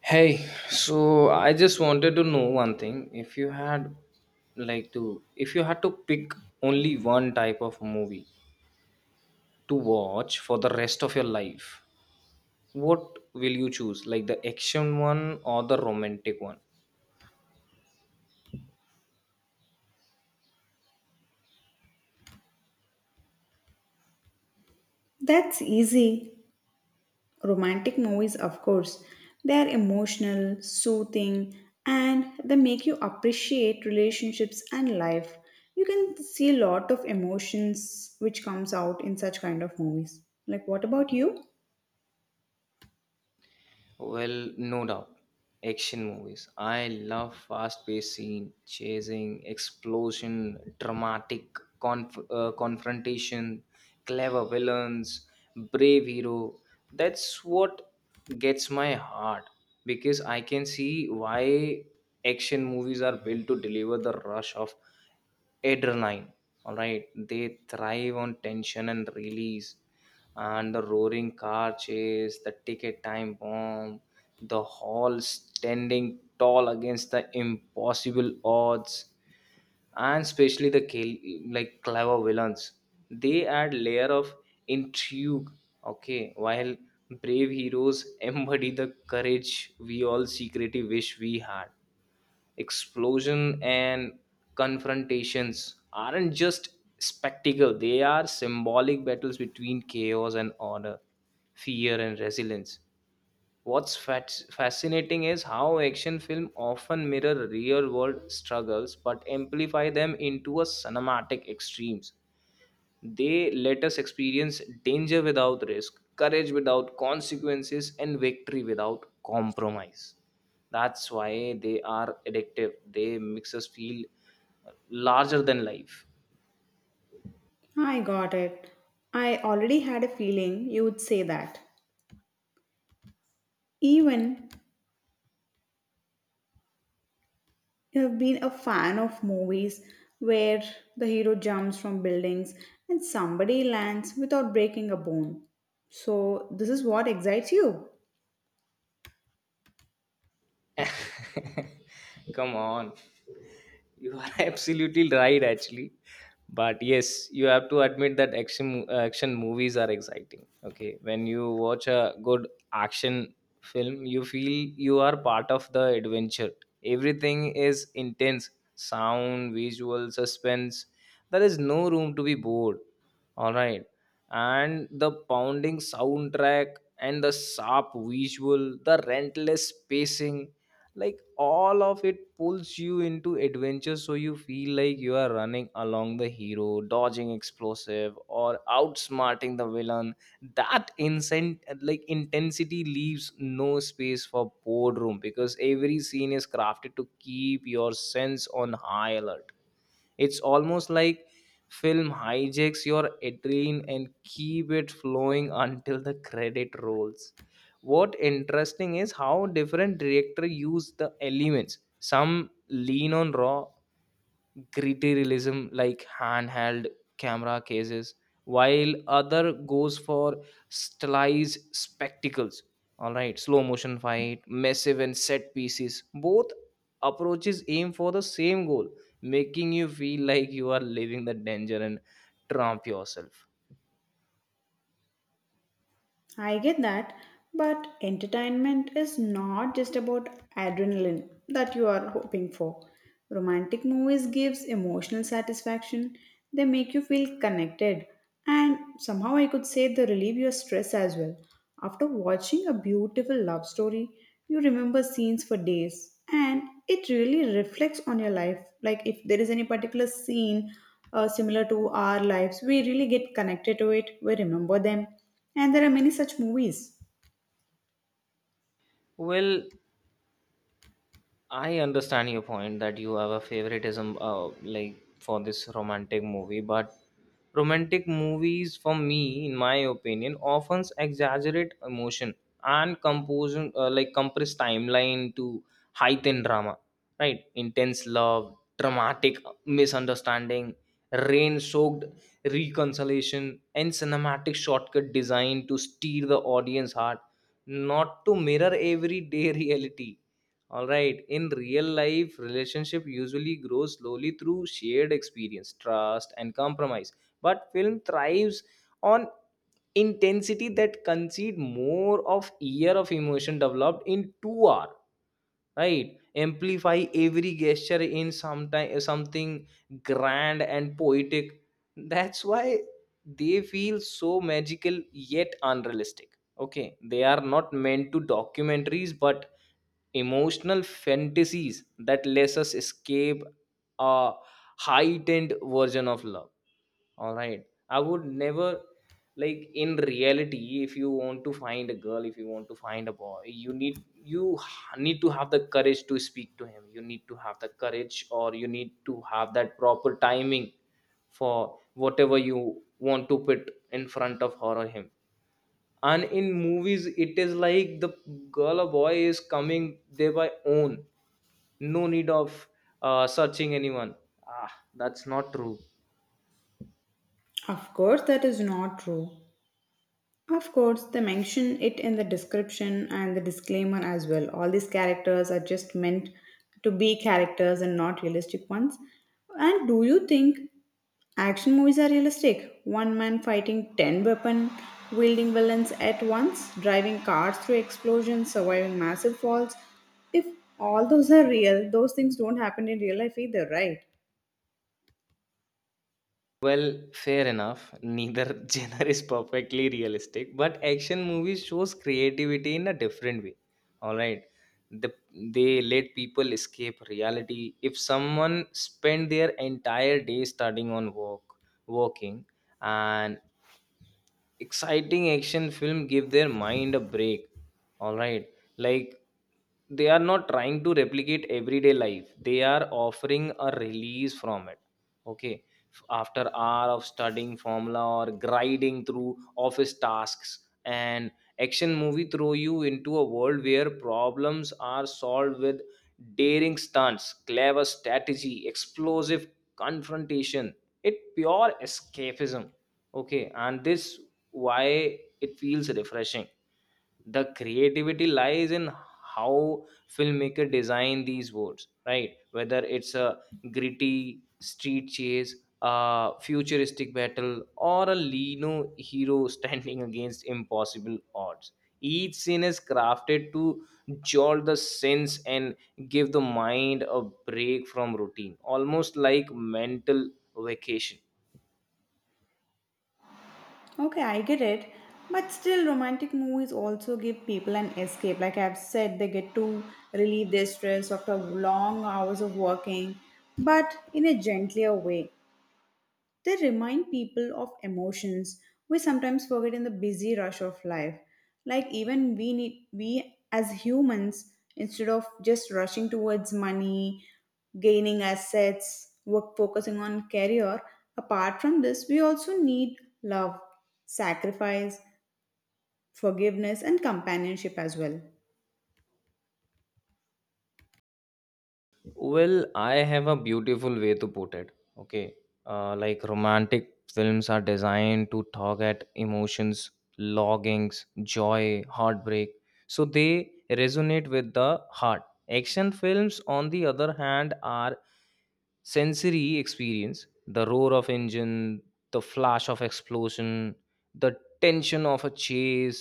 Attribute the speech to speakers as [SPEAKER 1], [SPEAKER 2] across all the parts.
[SPEAKER 1] Hey, so I just wanted to know one thing. If you had like to if you had to pick only one type of movie to watch for the rest of your life, what will you choose? Like the action one or the romantic one?
[SPEAKER 2] That's easy. Romantic movies, of course. They are emotional, soothing, and they make you appreciate relationships and life. You can see a lot of emotions which comes out in such kind of movies. Like what about you?
[SPEAKER 1] Well, no doubt. Action movies. I love fast-paced scene, chasing, explosion, dramatic confrontation, clever villains, brave hero. That's what gets my heart because I can see why action movies are built to deliver the rush of adrenaline. All right, they thrive on tension and release, and the roaring car chase, the ticket time bomb, the hall standing tall against the impossible odds, and especially the clever villains. They add layer of intrigue, okay, while brave heroes embody the courage we all secretly wish we had. Explosion and confrontations aren't just spectacle, they are symbolic battles between chaos and order, fear and resilience. What's fascinating is how action film often mirror real world struggles but amplify them into a cinematic extremes. They let us experience danger without risk, courage without consequences, and victory without compromise. That's why they are addictive. They makes us feel larger than life.
[SPEAKER 2] I got it. I already had a feeling you would say that. Even you have been a fan of movies where the hero jumps from buildings and somebody lands without breaking a bone. So, this is what excites you.
[SPEAKER 1] Come on. You are absolutely right, actually. But yes, you have to admit that action movies are exciting. Okay, when you watch a good action film, you feel you are part of the adventure. Everything is intense: sound, visual, suspense. There is no room to be bored. All right, and the pounding soundtrack and the sharp visual, the relentless pacing, like all of it pulls you into adventure, so you feel like you are running along the hero dodging explosive or outsmarting the villain. That incent like intensity leaves no space for boredom because every scene is crafted to keep your sense on high alert. It's almost like film hijacks your adrenaline and keep it flowing until the credit rolls. What interesting is how different director use the elements. Some lean on raw gritty realism like handheld camera cases, while other goes for stylized spectacles. All right, slow motion fight massive and set pieces, both approaches aim for the same goal, making you feel like you are living the danger and trump yourself.
[SPEAKER 2] I get that, but entertainment is not just about adrenaline that you are hoping for. Romantic movies gives emotional satisfaction. They make you feel connected, and somehow I could say they relieve your stress as well. After watching a beautiful love story, you remember scenes for days and it really reflects on your life. Like if there is any particular scene similar to our lives, we really get connected to it, we remember them, and there are many such movies.
[SPEAKER 1] Well, I understand your point that you have a favoritism, like for this romantic movie, but romantic movies for me in my opinion often exaggerate emotion and compose like compress timeline to heighten drama. Right, intense love, dramatic misunderstanding, rain soaked reconciliation and cinematic shortcut designed to steer the audience heart, not to mirror everyday reality. All right, in real life relationship usually grows slowly through shared experience, trust and compromise, but film thrives on intensity that concede more of year of emotion developed in 2 hour. Right, amplify every gesture in sometime something grand and poetic. That's why they feel so magical yet unrealistic. Okay, they are not meant to documentaries but emotional fantasies that lets us escape a heightened version of love. All right. I would never, like in reality, if you want to find a girl, if you want to find a boy, you need, need to have the courage to speak to him, you need to have the courage, or you need to have that proper timing for whatever you want to put in front of her or him. And in movies it is like the girl or boy is coming there by own, no need of searching anyone. Ah, that's not true.
[SPEAKER 2] Of course, that is not true. Of course, they mention it in the description and the disclaimer as well. All these characters are just meant to be characters and not realistic ones. And do you think action movies are realistic? One man fighting 10 weapon wielding villains at once, driving cars through explosions, surviving massive falls. If all those are real, those things don't happen in real life either, right?
[SPEAKER 1] Well, fair enough. Neither genre is perfectly realistic, but action movies shows creativity in a different way. All right. The, they let people escape reality. If someone spend their entire day studying on work, working, and exciting action film give their mind a break. All right, like they are not trying to replicate everyday life, they are offering a release from it. Okay, after hour of studying formula or grinding through office tasks, an action movie throw you into a world where problems are solved with daring stunts, clever strategy, explosive confrontation. It pure escapism. Okay, and this why it feels refreshing. The creativity lies in how filmmaker design these words, right, whether it's a gritty street chase, a futuristic battle, or a lino hero standing against impossible odds. Each scene is crafted to jolt the sense and give the mind a break from routine, almost like mental vacation.
[SPEAKER 2] Okay, I get it. But still, romantic movies also give people an escape. Like I've said, they get to relieve their stress after long hours of working, but in a gentler way. They remind people of emotions we sometimes forget in the busy rush of life. Like even we as humans, instead of just rushing towards money, gaining assets, work, focusing on career, apart from this we also need love, sacrifice, forgiveness, and companionship as well.
[SPEAKER 1] Well, I have a beautiful way to put it. Okay. Like romantic films are designed to tug at emotions, longings, joy, heartbreak. So they resonate with the heart. Action films, on the other hand, are sensory experience, the roar of engine, the flash of explosion, the tension of a chase.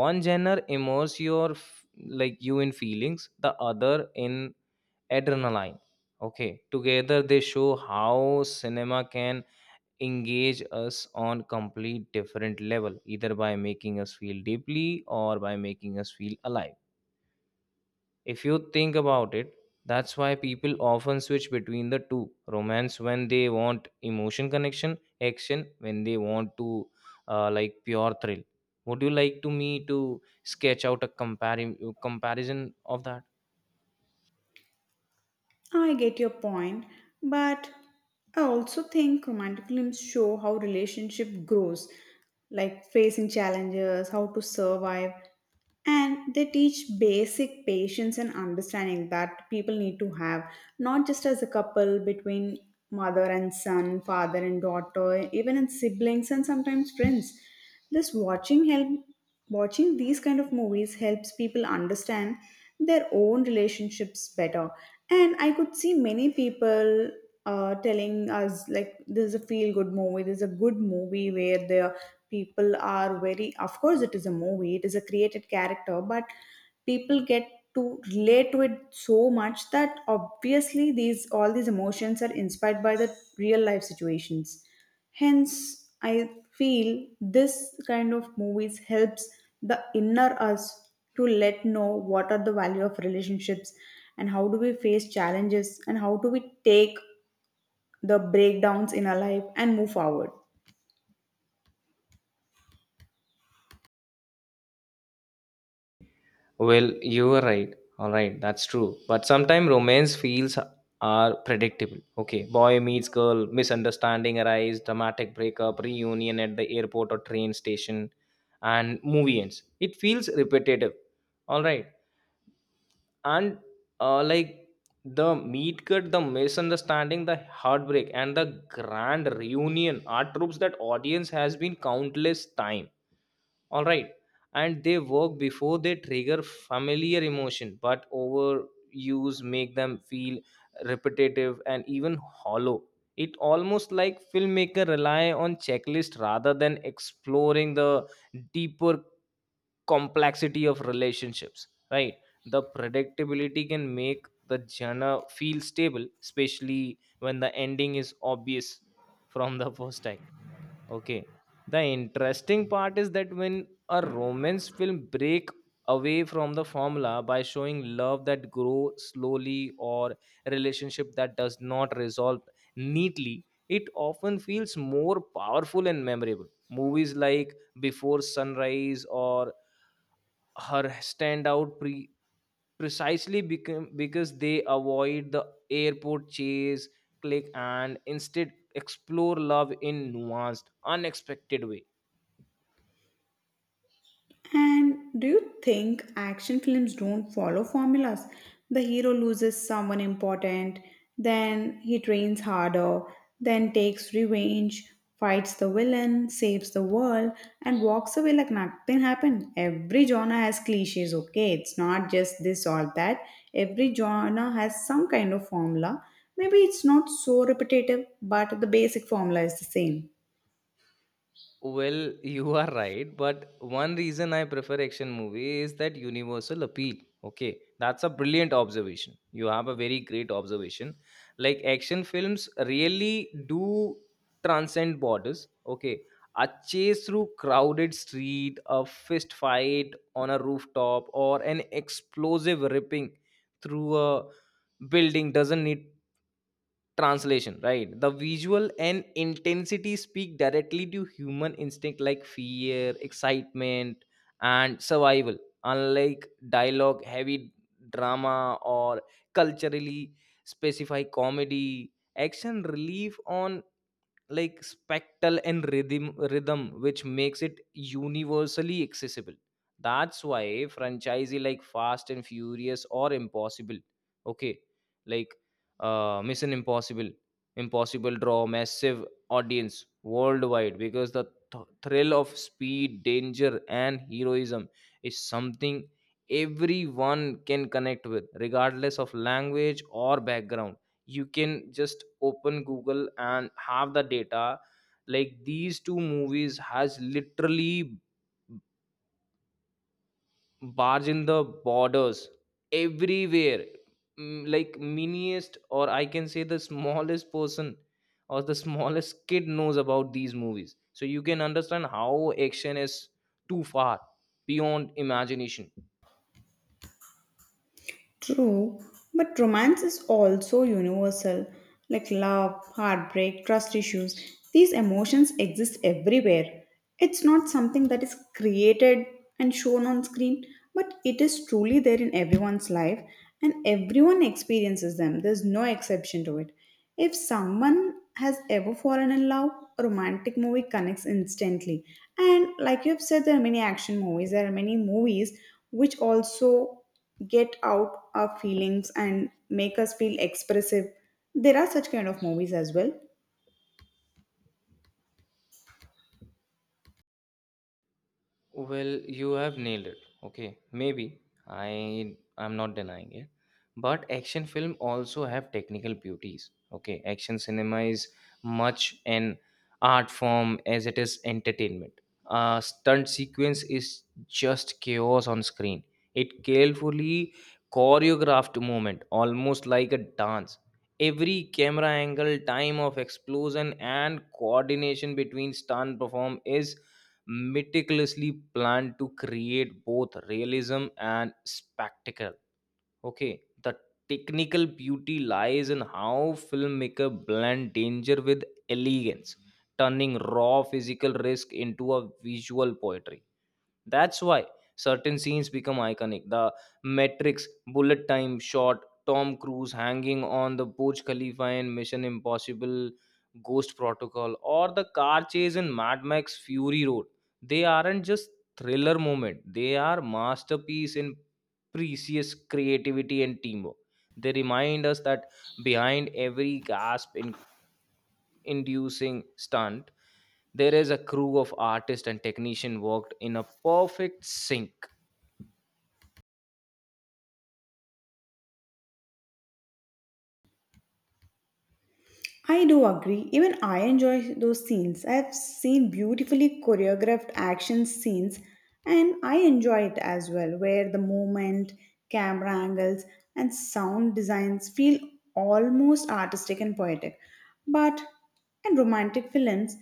[SPEAKER 1] One genre immerse your f- like you in feelings, the other in adrenaline. Okay, together they show how cinema can engage us on complete different level, either by making us feel deeply or by making us feel alive. If you think about it, that's why people often switch between the two, romance when they want emotion connection, action when they want to pure thrill. Would you like to me to sketch out a comparison of that?
[SPEAKER 2] I get your point, but I also think romantic films show how relationship grows, like facing challenges, how to survive, and they teach basic patience and understanding that people need to have, not just as a couple, between mother and son, father and daughter, even in siblings and sometimes friends. This watching help Watching these kind of movies helps people understand their own relationships better, and I could see many people telling us like this is a feel good movie. This is a good movie where the people are very. Of course, it is a movie. It is a created character, but people get to relate to it so much that obviously these all these emotions are inspired by the real life situations. Hence, I feel this kind of movies helps the inner us to let know what are the value of relationships, and how do we face challenges, and how do we take the breakdowns in our life and move forward.
[SPEAKER 1] Well, you are right. All right, that's true. But sometimes romance feels are predictable. Okay, boy meets girl, misunderstanding arise, dramatic breakup, reunion at the airport or train station, and movie ends. It feels repetitive. All right, and uh, like the meet cut, the misunderstanding, the heartbreak, and the grand reunion are tropes that audience has been countless time. All right, and they work before they trigger familiar emotion, but overuse make them feel repetitive and even hollow. It almost like filmmaker rely on checklist rather than exploring the deeper complexity of relationships. Right, the predictability can make the genre feel stable, especially when the ending is obvious from the first time. Okay. The interesting part is that when a romance film break away from the formula by showing love that grows slowly or relationship that does not resolve neatly, it often feels more powerful and memorable. Movies like Before Sunrise or Her stand out precisely become because they avoid the airport chase, click, and instead explore love in nuanced, unexpected way.
[SPEAKER 2] And do you think action films don't follow formulas? The hero loses someone important, then he trains harder, then takes revenge, fights the villain, saves the world, and walks away like nothing happened. Every genre has cliches, okay? It's not just this or that. Every genre has some kind of formula. Maybe it's not so repetitive, but the basic formula is the same.
[SPEAKER 1] Well, you are right, but one reason I prefer action movie is that universal appeal. Okay, that's a brilliant observation. You have a very great observation. Like action films really do transcend borders. Okay, a chase through crowded street, a fist fight on a rooftop, or an explosive ripping through a building doesn't need translation. Right, the visual and intensity speak directly to human instinct like fear, excitement and survival. Unlike dialogue heavy drama or culturally specified comedy, action relief on like spectral and rhythm, which makes it universally accessible. That's why franchisee like fast and furious or impossible, okay, like mission impossible draw massive audience worldwide because the thrill of speed, danger and heroism is something everyone can connect with regardless of language or background. You can just open google and have the data, like these two movies has literally barged in the borders everywhere. Mm, like miniest, or I can say the smallest person or the smallest kid knows about these movies, so you can understand how action is too far beyond imagination.
[SPEAKER 2] True, but romance is also universal, like love, heartbreak, trust issues. These emotions exist everywhere. It's not something that is created and shown on screen, but it is truly there in everyone's life and everyone experiences them. There's no exception to it. If someone has ever fallen in love, a romantic movie connects instantly. And like you've said, there are many action movies, there are many movies which also get out our feelings and make us feel expressive. There are such kind of movies as well.
[SPEAKER 1] Well, you have nailed it. Okay, maybe I'm not denying it, but action film also have technical beauties. Okay, action cinema is much an art form as it is entertainment. A stunt sequence is just chaos on screen. It carefully choreographed movement, almost like a dance. Every camera angle, time of explosion, and coordination between stunt perform is meticulously planned to create both realism and spectacle. Okay, the technical beauty lies in how filmmaker blend danger with elegance, turning raw physical risk into a visual poetry. That's why certain scenes become iconic. The Matrix, Bullet Time shot, Tom Cruise hanging on the Burj Khalifa in Mission Impossible, Ghost Protocol, or the car chase in Mad Max Fury Road. They aren't just thriller moment. They are masterpiece in precious creativity and teamwork. They remind us that behind every gasp in inducing stunt there is a crew of artists and technician worked in a perfect sync.
[SPEAKER 2] I do agree. Even I enjoy those scenes. I have seen beautifully choreographed action scenes and I enjoy it as well, where the movement, camera angles, and sound designs feel almost artistic and poetic. But in romantic films,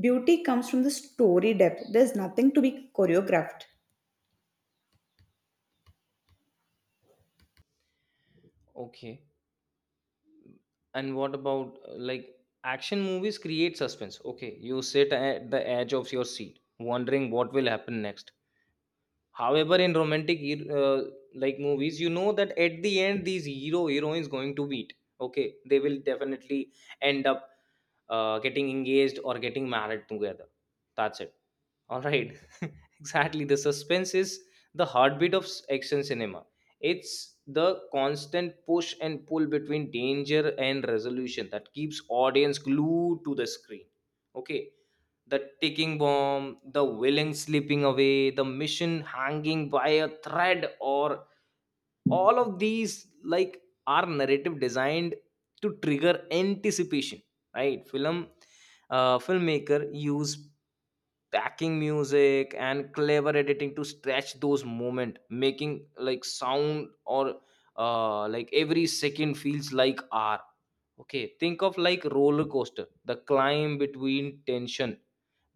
[SPEAKER 2] beauty comes from the story depth. There's nothing to be choreographed.
[SPEAKER 1] Okay, and what about action movies create suspense? Okay, you sit at the edge of your seat wondering what will happen next. However, in romantic movies, you know that at the end these hero heroines going to meet. Okay, they will definitely end up getting engaged or getting married together, that's it. All right, exactly. The suspense is the heartbeat of action cinema. It's the constant push and pull between danger and resolution that keeps audience glued to the screen. Okay, the ticking bomb, the villain slipping away, the mission hanging by a thread, or all of these like are narrative designed to trigger anticipation. Right, filmmaker use backing music and clever editing to stretch those moment making like sound or like every second feels like hour. Okay, think of like roller coaster, the climb between tension,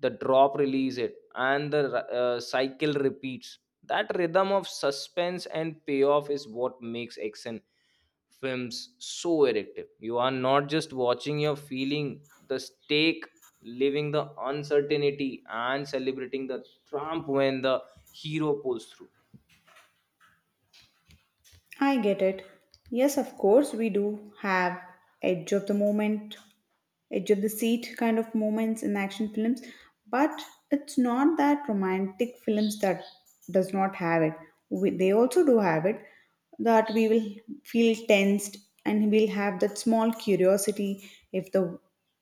[SPEAKER 1] the drop release it, and the cycle repeats. That rhythm of suspense and payoff is what makes action films so addictive. You are not just watching, you're feeling the stake, living the uncertainty, and celebrating the triumph when the hero pulls through.
[SPEAKER 2] I get it. Yes, of course, we do have edge of the moment, edge of the seat kind of moments in action films, but it's not that romantic films that does not have it. We, they also do have it, that we will feel tensed and we'll have that small curiosity. If the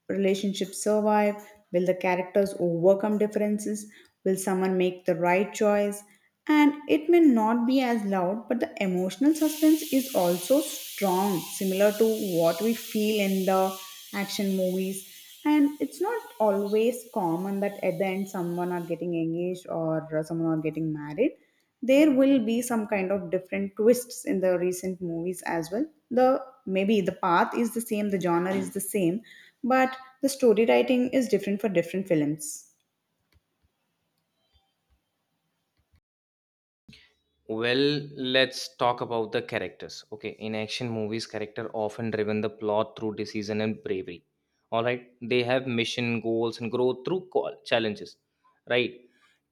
[SPEAKER 2] relationships survive? Will the characters overcome differences? Will someone make the right choice? And it may not be as loud, but the emotional suspense is also strong, similar to what we feel in the action movies. And it's not always common that at the end someone are getting engaged or someone are getting married. There will be some kind of different twists in the recent movies as well. The Maybe the path is the same, the genre is the same, but the story writing is different for different films.
[SPEAKER 1] Well, let's talk about the characters. Okay, in action movies, character often driven the plot through decision and bravery. All right, they have mission, goals, and growth through call, challenges. Right,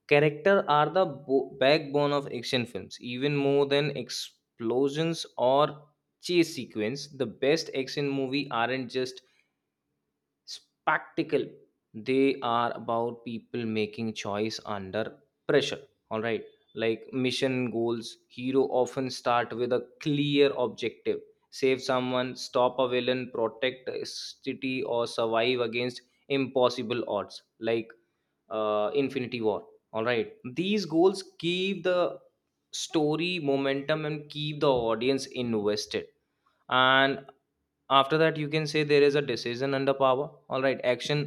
[SPEAKER 1] character are the backbone of action films. Even more than explosions or chase sequence, the best action movie aren't just spectacle, they are about people making choice under pressure. All right, like mission goals, hero often start with a clear objective, save someone, stop a villain, protect a city, or survive against impossible odds like infinity war. All right, these goals keep the story momentum and keep the audience invested. And after that you can say there is a decision under power. All right, action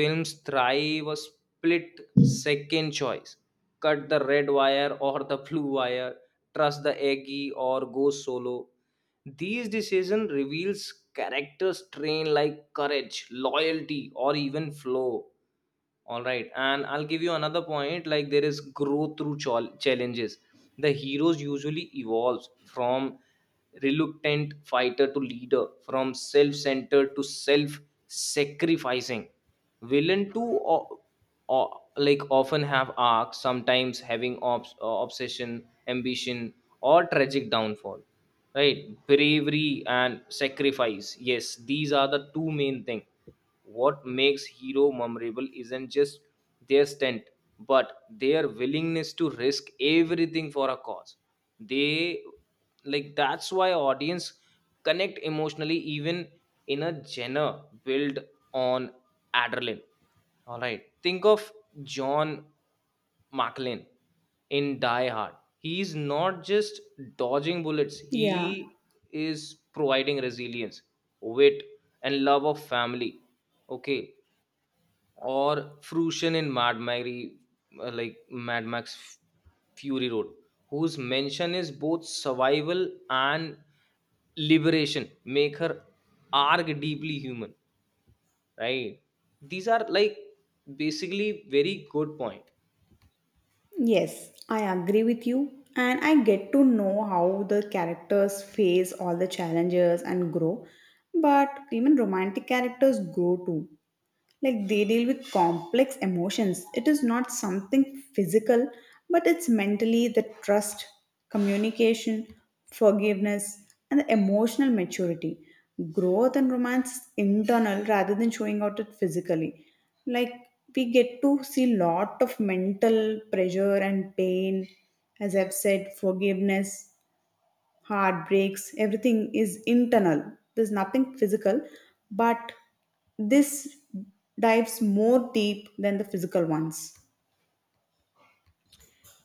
[SPEAKER 1] films thrive a split second choice, cut the red wire or the blue wire, trust the eggy or go solo, these decision reveals characters trained like courage, loyalty, or even flow. All right, and I'll give you another point like there is growth through challenges. The heroes usually evolves from reluctant fighter to leader, from self-centered to self-sacrificing. Villain too, like often have arcs, sometimes having obsession, ambition, or tragic downfall. Right, bravery and sacrifice. Yes, these are the two main things what makes Hero memorable isn't just their stunt, but their willingness to risk everything for a cause. They like that's why audience connect emotionally even in a genre built on adrenaline. All right. Think of John McClane in Die Hard. He's not just dodging bullets,
[SPEAKER 2] Yeah.
[SPEAKER 1] he is providing resilience, wit, and love of family. Okay. Or Fruition in Mad Mary, like Mad Max Fury Road, whose mention is both survival and liberation, make her arc deeply human. Right. These are like basically very good point.
[SPEAKER 2] Yes, I agree with you. And I get to know how the characters face all the challenges and grow. But even romantic characters grow too. Like they deal with complex emotions. It is not something physical, but it's mentally the trust, communication, forgiveness, and the emotional maturity. Growth and romance is internal rather than showing out it physically. Like we get to see lot of mental pressure and pain. As I've said, forgiveness, heartbreaks, everything is internal. There's nothing physical, but this dives more deep than the physical ones.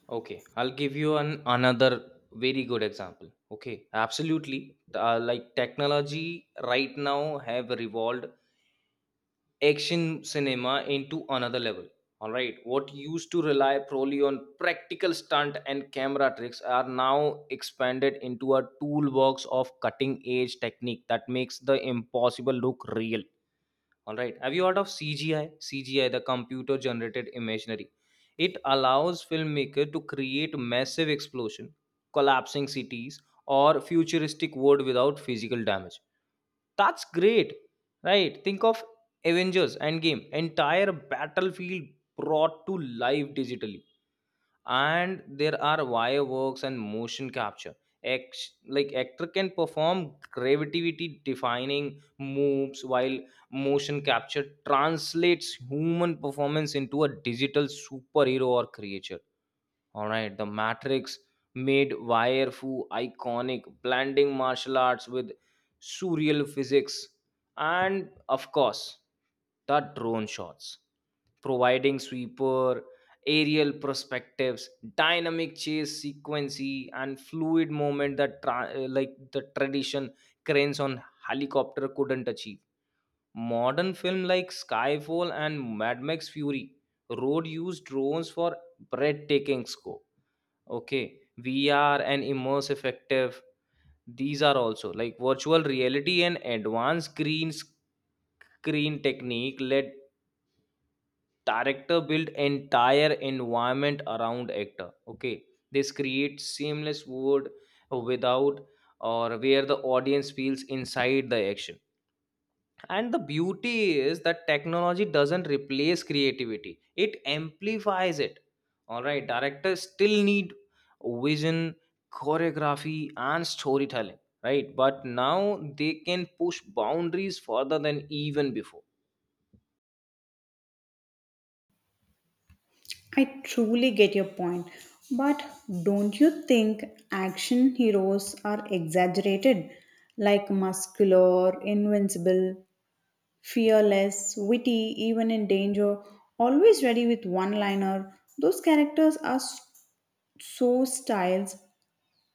[SPEAKER 1] Okay, I'll give you an another very good example. Okay, absolutely. Like technology right now have evolved action cinema into another level. All right, what used to rely purely on practical stunt and camera tricks are now expanded into a toolbox of cutting edge technique that makes the impossible look real. All right. Have you heard of CGI? CGI, the computer generated imaginary. It allows filmmaker to create massive explosion, collapsing cities, or futuristic world without physical damage. That's great, right? Think of Avengers Endgame, entire battlefield brought to life digitally. And there are wireworks and motion capture. Act like actor can perform gravity defining moves while motion capture translates human performance into a digital superhero or creature. All right, The Matrix made Wire Fu iconic, blending martial arts with surreal physics, and of course, the drone shots, providing sweeper, aerial perspectives, dynamic chase sequence, and fluid movement that like the tradition cranes on helicopter couldn't achieve. Modern film like Skyfall and Mad Max Fury Road used drones for breathtaking scope. Okay, VR and immersive effective. These are also like virtual reality and advanced screen technique let director build entire environment around actor. Okay, this creates seamless world without, or where the audience feels inside the action. And the beauty is that technology doesn't replace creativity, it amplifies it. All right, directors still need vision, choreography, and storytelling, right? But now they can push boundaries further than even before.
[SPEAKER 2] I truly get your point, but don't you think action heroes are exaggerated? Like muscular, invincible, fearless, witty, even in danger, always ready with one liner. Those characters are so styles,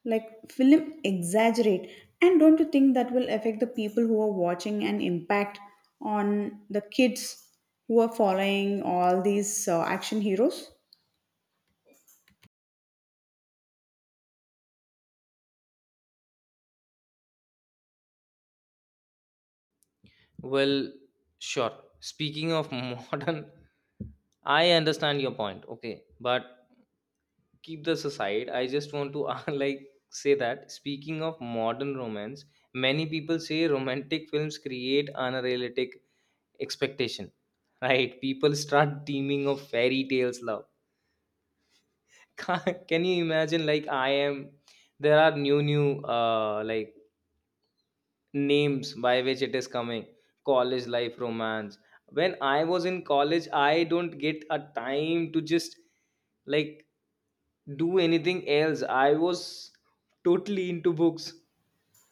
[SPEAKER 2] like film exaggerate, and don't you think that will affect the people who are watching and impact on the kids who are following all these action heroes?
[SPEAKER 1] Well, sure. Speaking of modern, I understand your point, okay, but keep this aside, I just want to like say that speaking of modern romance, many people say romantic films create unrealistic expectation. Right, people start dreaming of fairy tales love. Can you imagine like I am, there are new uh like names by which it is coming, college life romance. When I was in college I don't get a time to just like do anything else. I was totally into books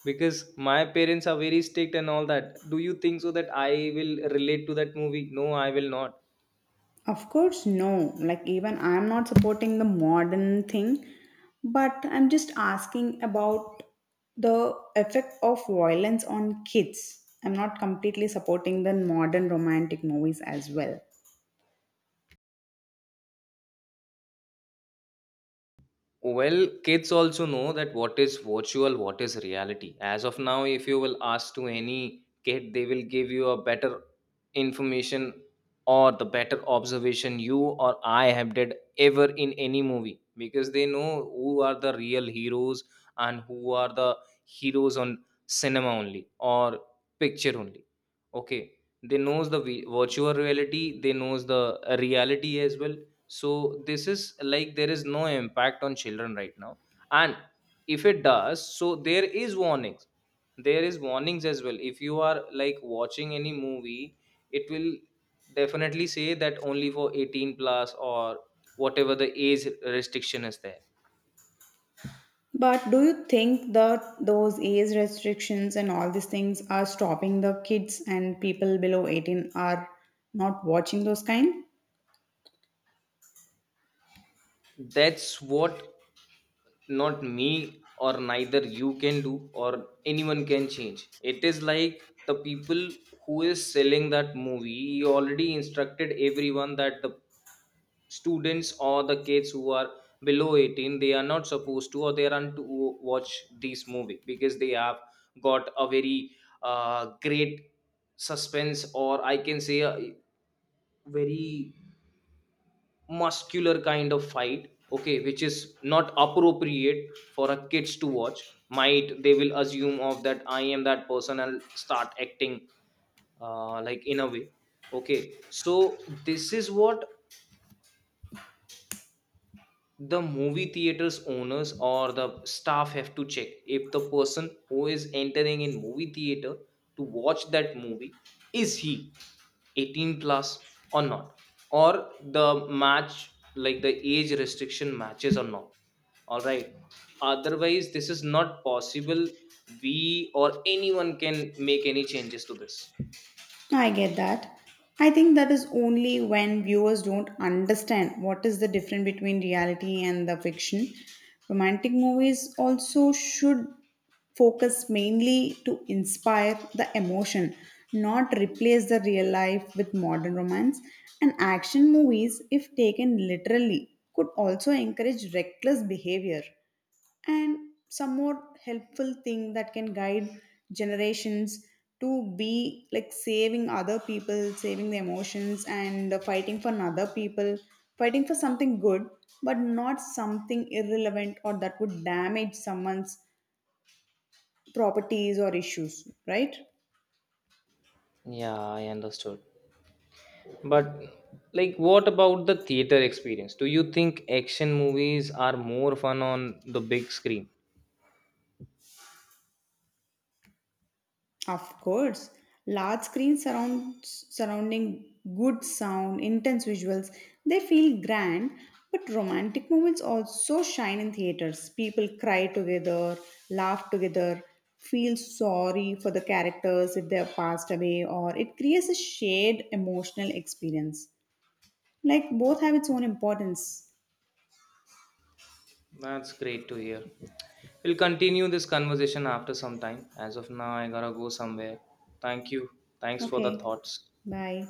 [SPEAKER 1] because my parents are very strict and all that. Do you think so that I will relate to that movie? No, I will not.
[SPEAKER 2] Of course no, like even I'm not supporting the modern thing, but I'm just asking about the effect of violence on kids. I'm not completely supporting the modern romantic movies as well.
[SPEAKER 1] Well, kids also know that what is virtual, what is reality. As of now, if you will ask to any kid, they will give you a better information or the better observation you or I have did ever in any movie, because they know who are the real heroes and who are the heroes on cinema only or picture only. Okay, they knows the virtual reality, they knows the reality as well. So this is like there is no impact on children right now. And if it does so there is warnings, there is warnings as well. If you are like watching any movie, it will definitely say that only for 18 plus or whatever the age restriction is there.
[SPEAKER 2] But do you think that those age restrictions and all these things are stopping the kids, and people below 18 are not watching those kind?
[SPEAKER 1] That's what, not me or neither you can do or anyone can change. It is like the people who is selling that movie, he already instructed everyone that the students or the kids who are below 18, they are not supposed to or they aren't to watch this movie because they have got a very great suspense, or I can say a very muscular kind of fight. Okay, which is not appropriate for a kids to watch, might they will assume of that I am that person and start acting like in a way. Okay, so this is what the movie theaters owners or the staff have to check, if the person who is entering in movie theater to watch that movie is he 18 plus or not, or the match like the age restriction matches or not. All right, otherwise this is not possible we or anyone can make any changes to this.
[SPEAKER 2] I get that. I think that is only when viewers don't understand what is the difference between reality and the fiction. Romantic movies also should focus mainly to inspire the emotion, not replace the real life with modern romance. And action movies, if taken literally, could also encourage reckless behavior, and some more helpful thing that can guide generations to be like saving other people, saving the emotions, and fighting for other people, fighting for something good, but not something irrelevant or that would damage someone's properties or issues, right?
[SPEAKER 1] Yeah, I understood. But like what about the theater experience? Do you think action movies are more fun on the big screen?
[SPEAKER 2] Of course, large screens surround, surrounding good sound, intense visuals, they feel grand, but romantic moments also shine in theaters. People cry together, laugh together, feel sorry for the characters if they have passed away, or it creates a shared emotional experience. Like both have its own importance.
[SPEAKER 1] That's great to hear. We'll continue this conversation after some time. As of now, I gotta go somewhere. Thank you. Thanks for the
[SPEAKER 2] Okay,
[SPEAKER 1] thoughts.
[SPEAKER 2] bye.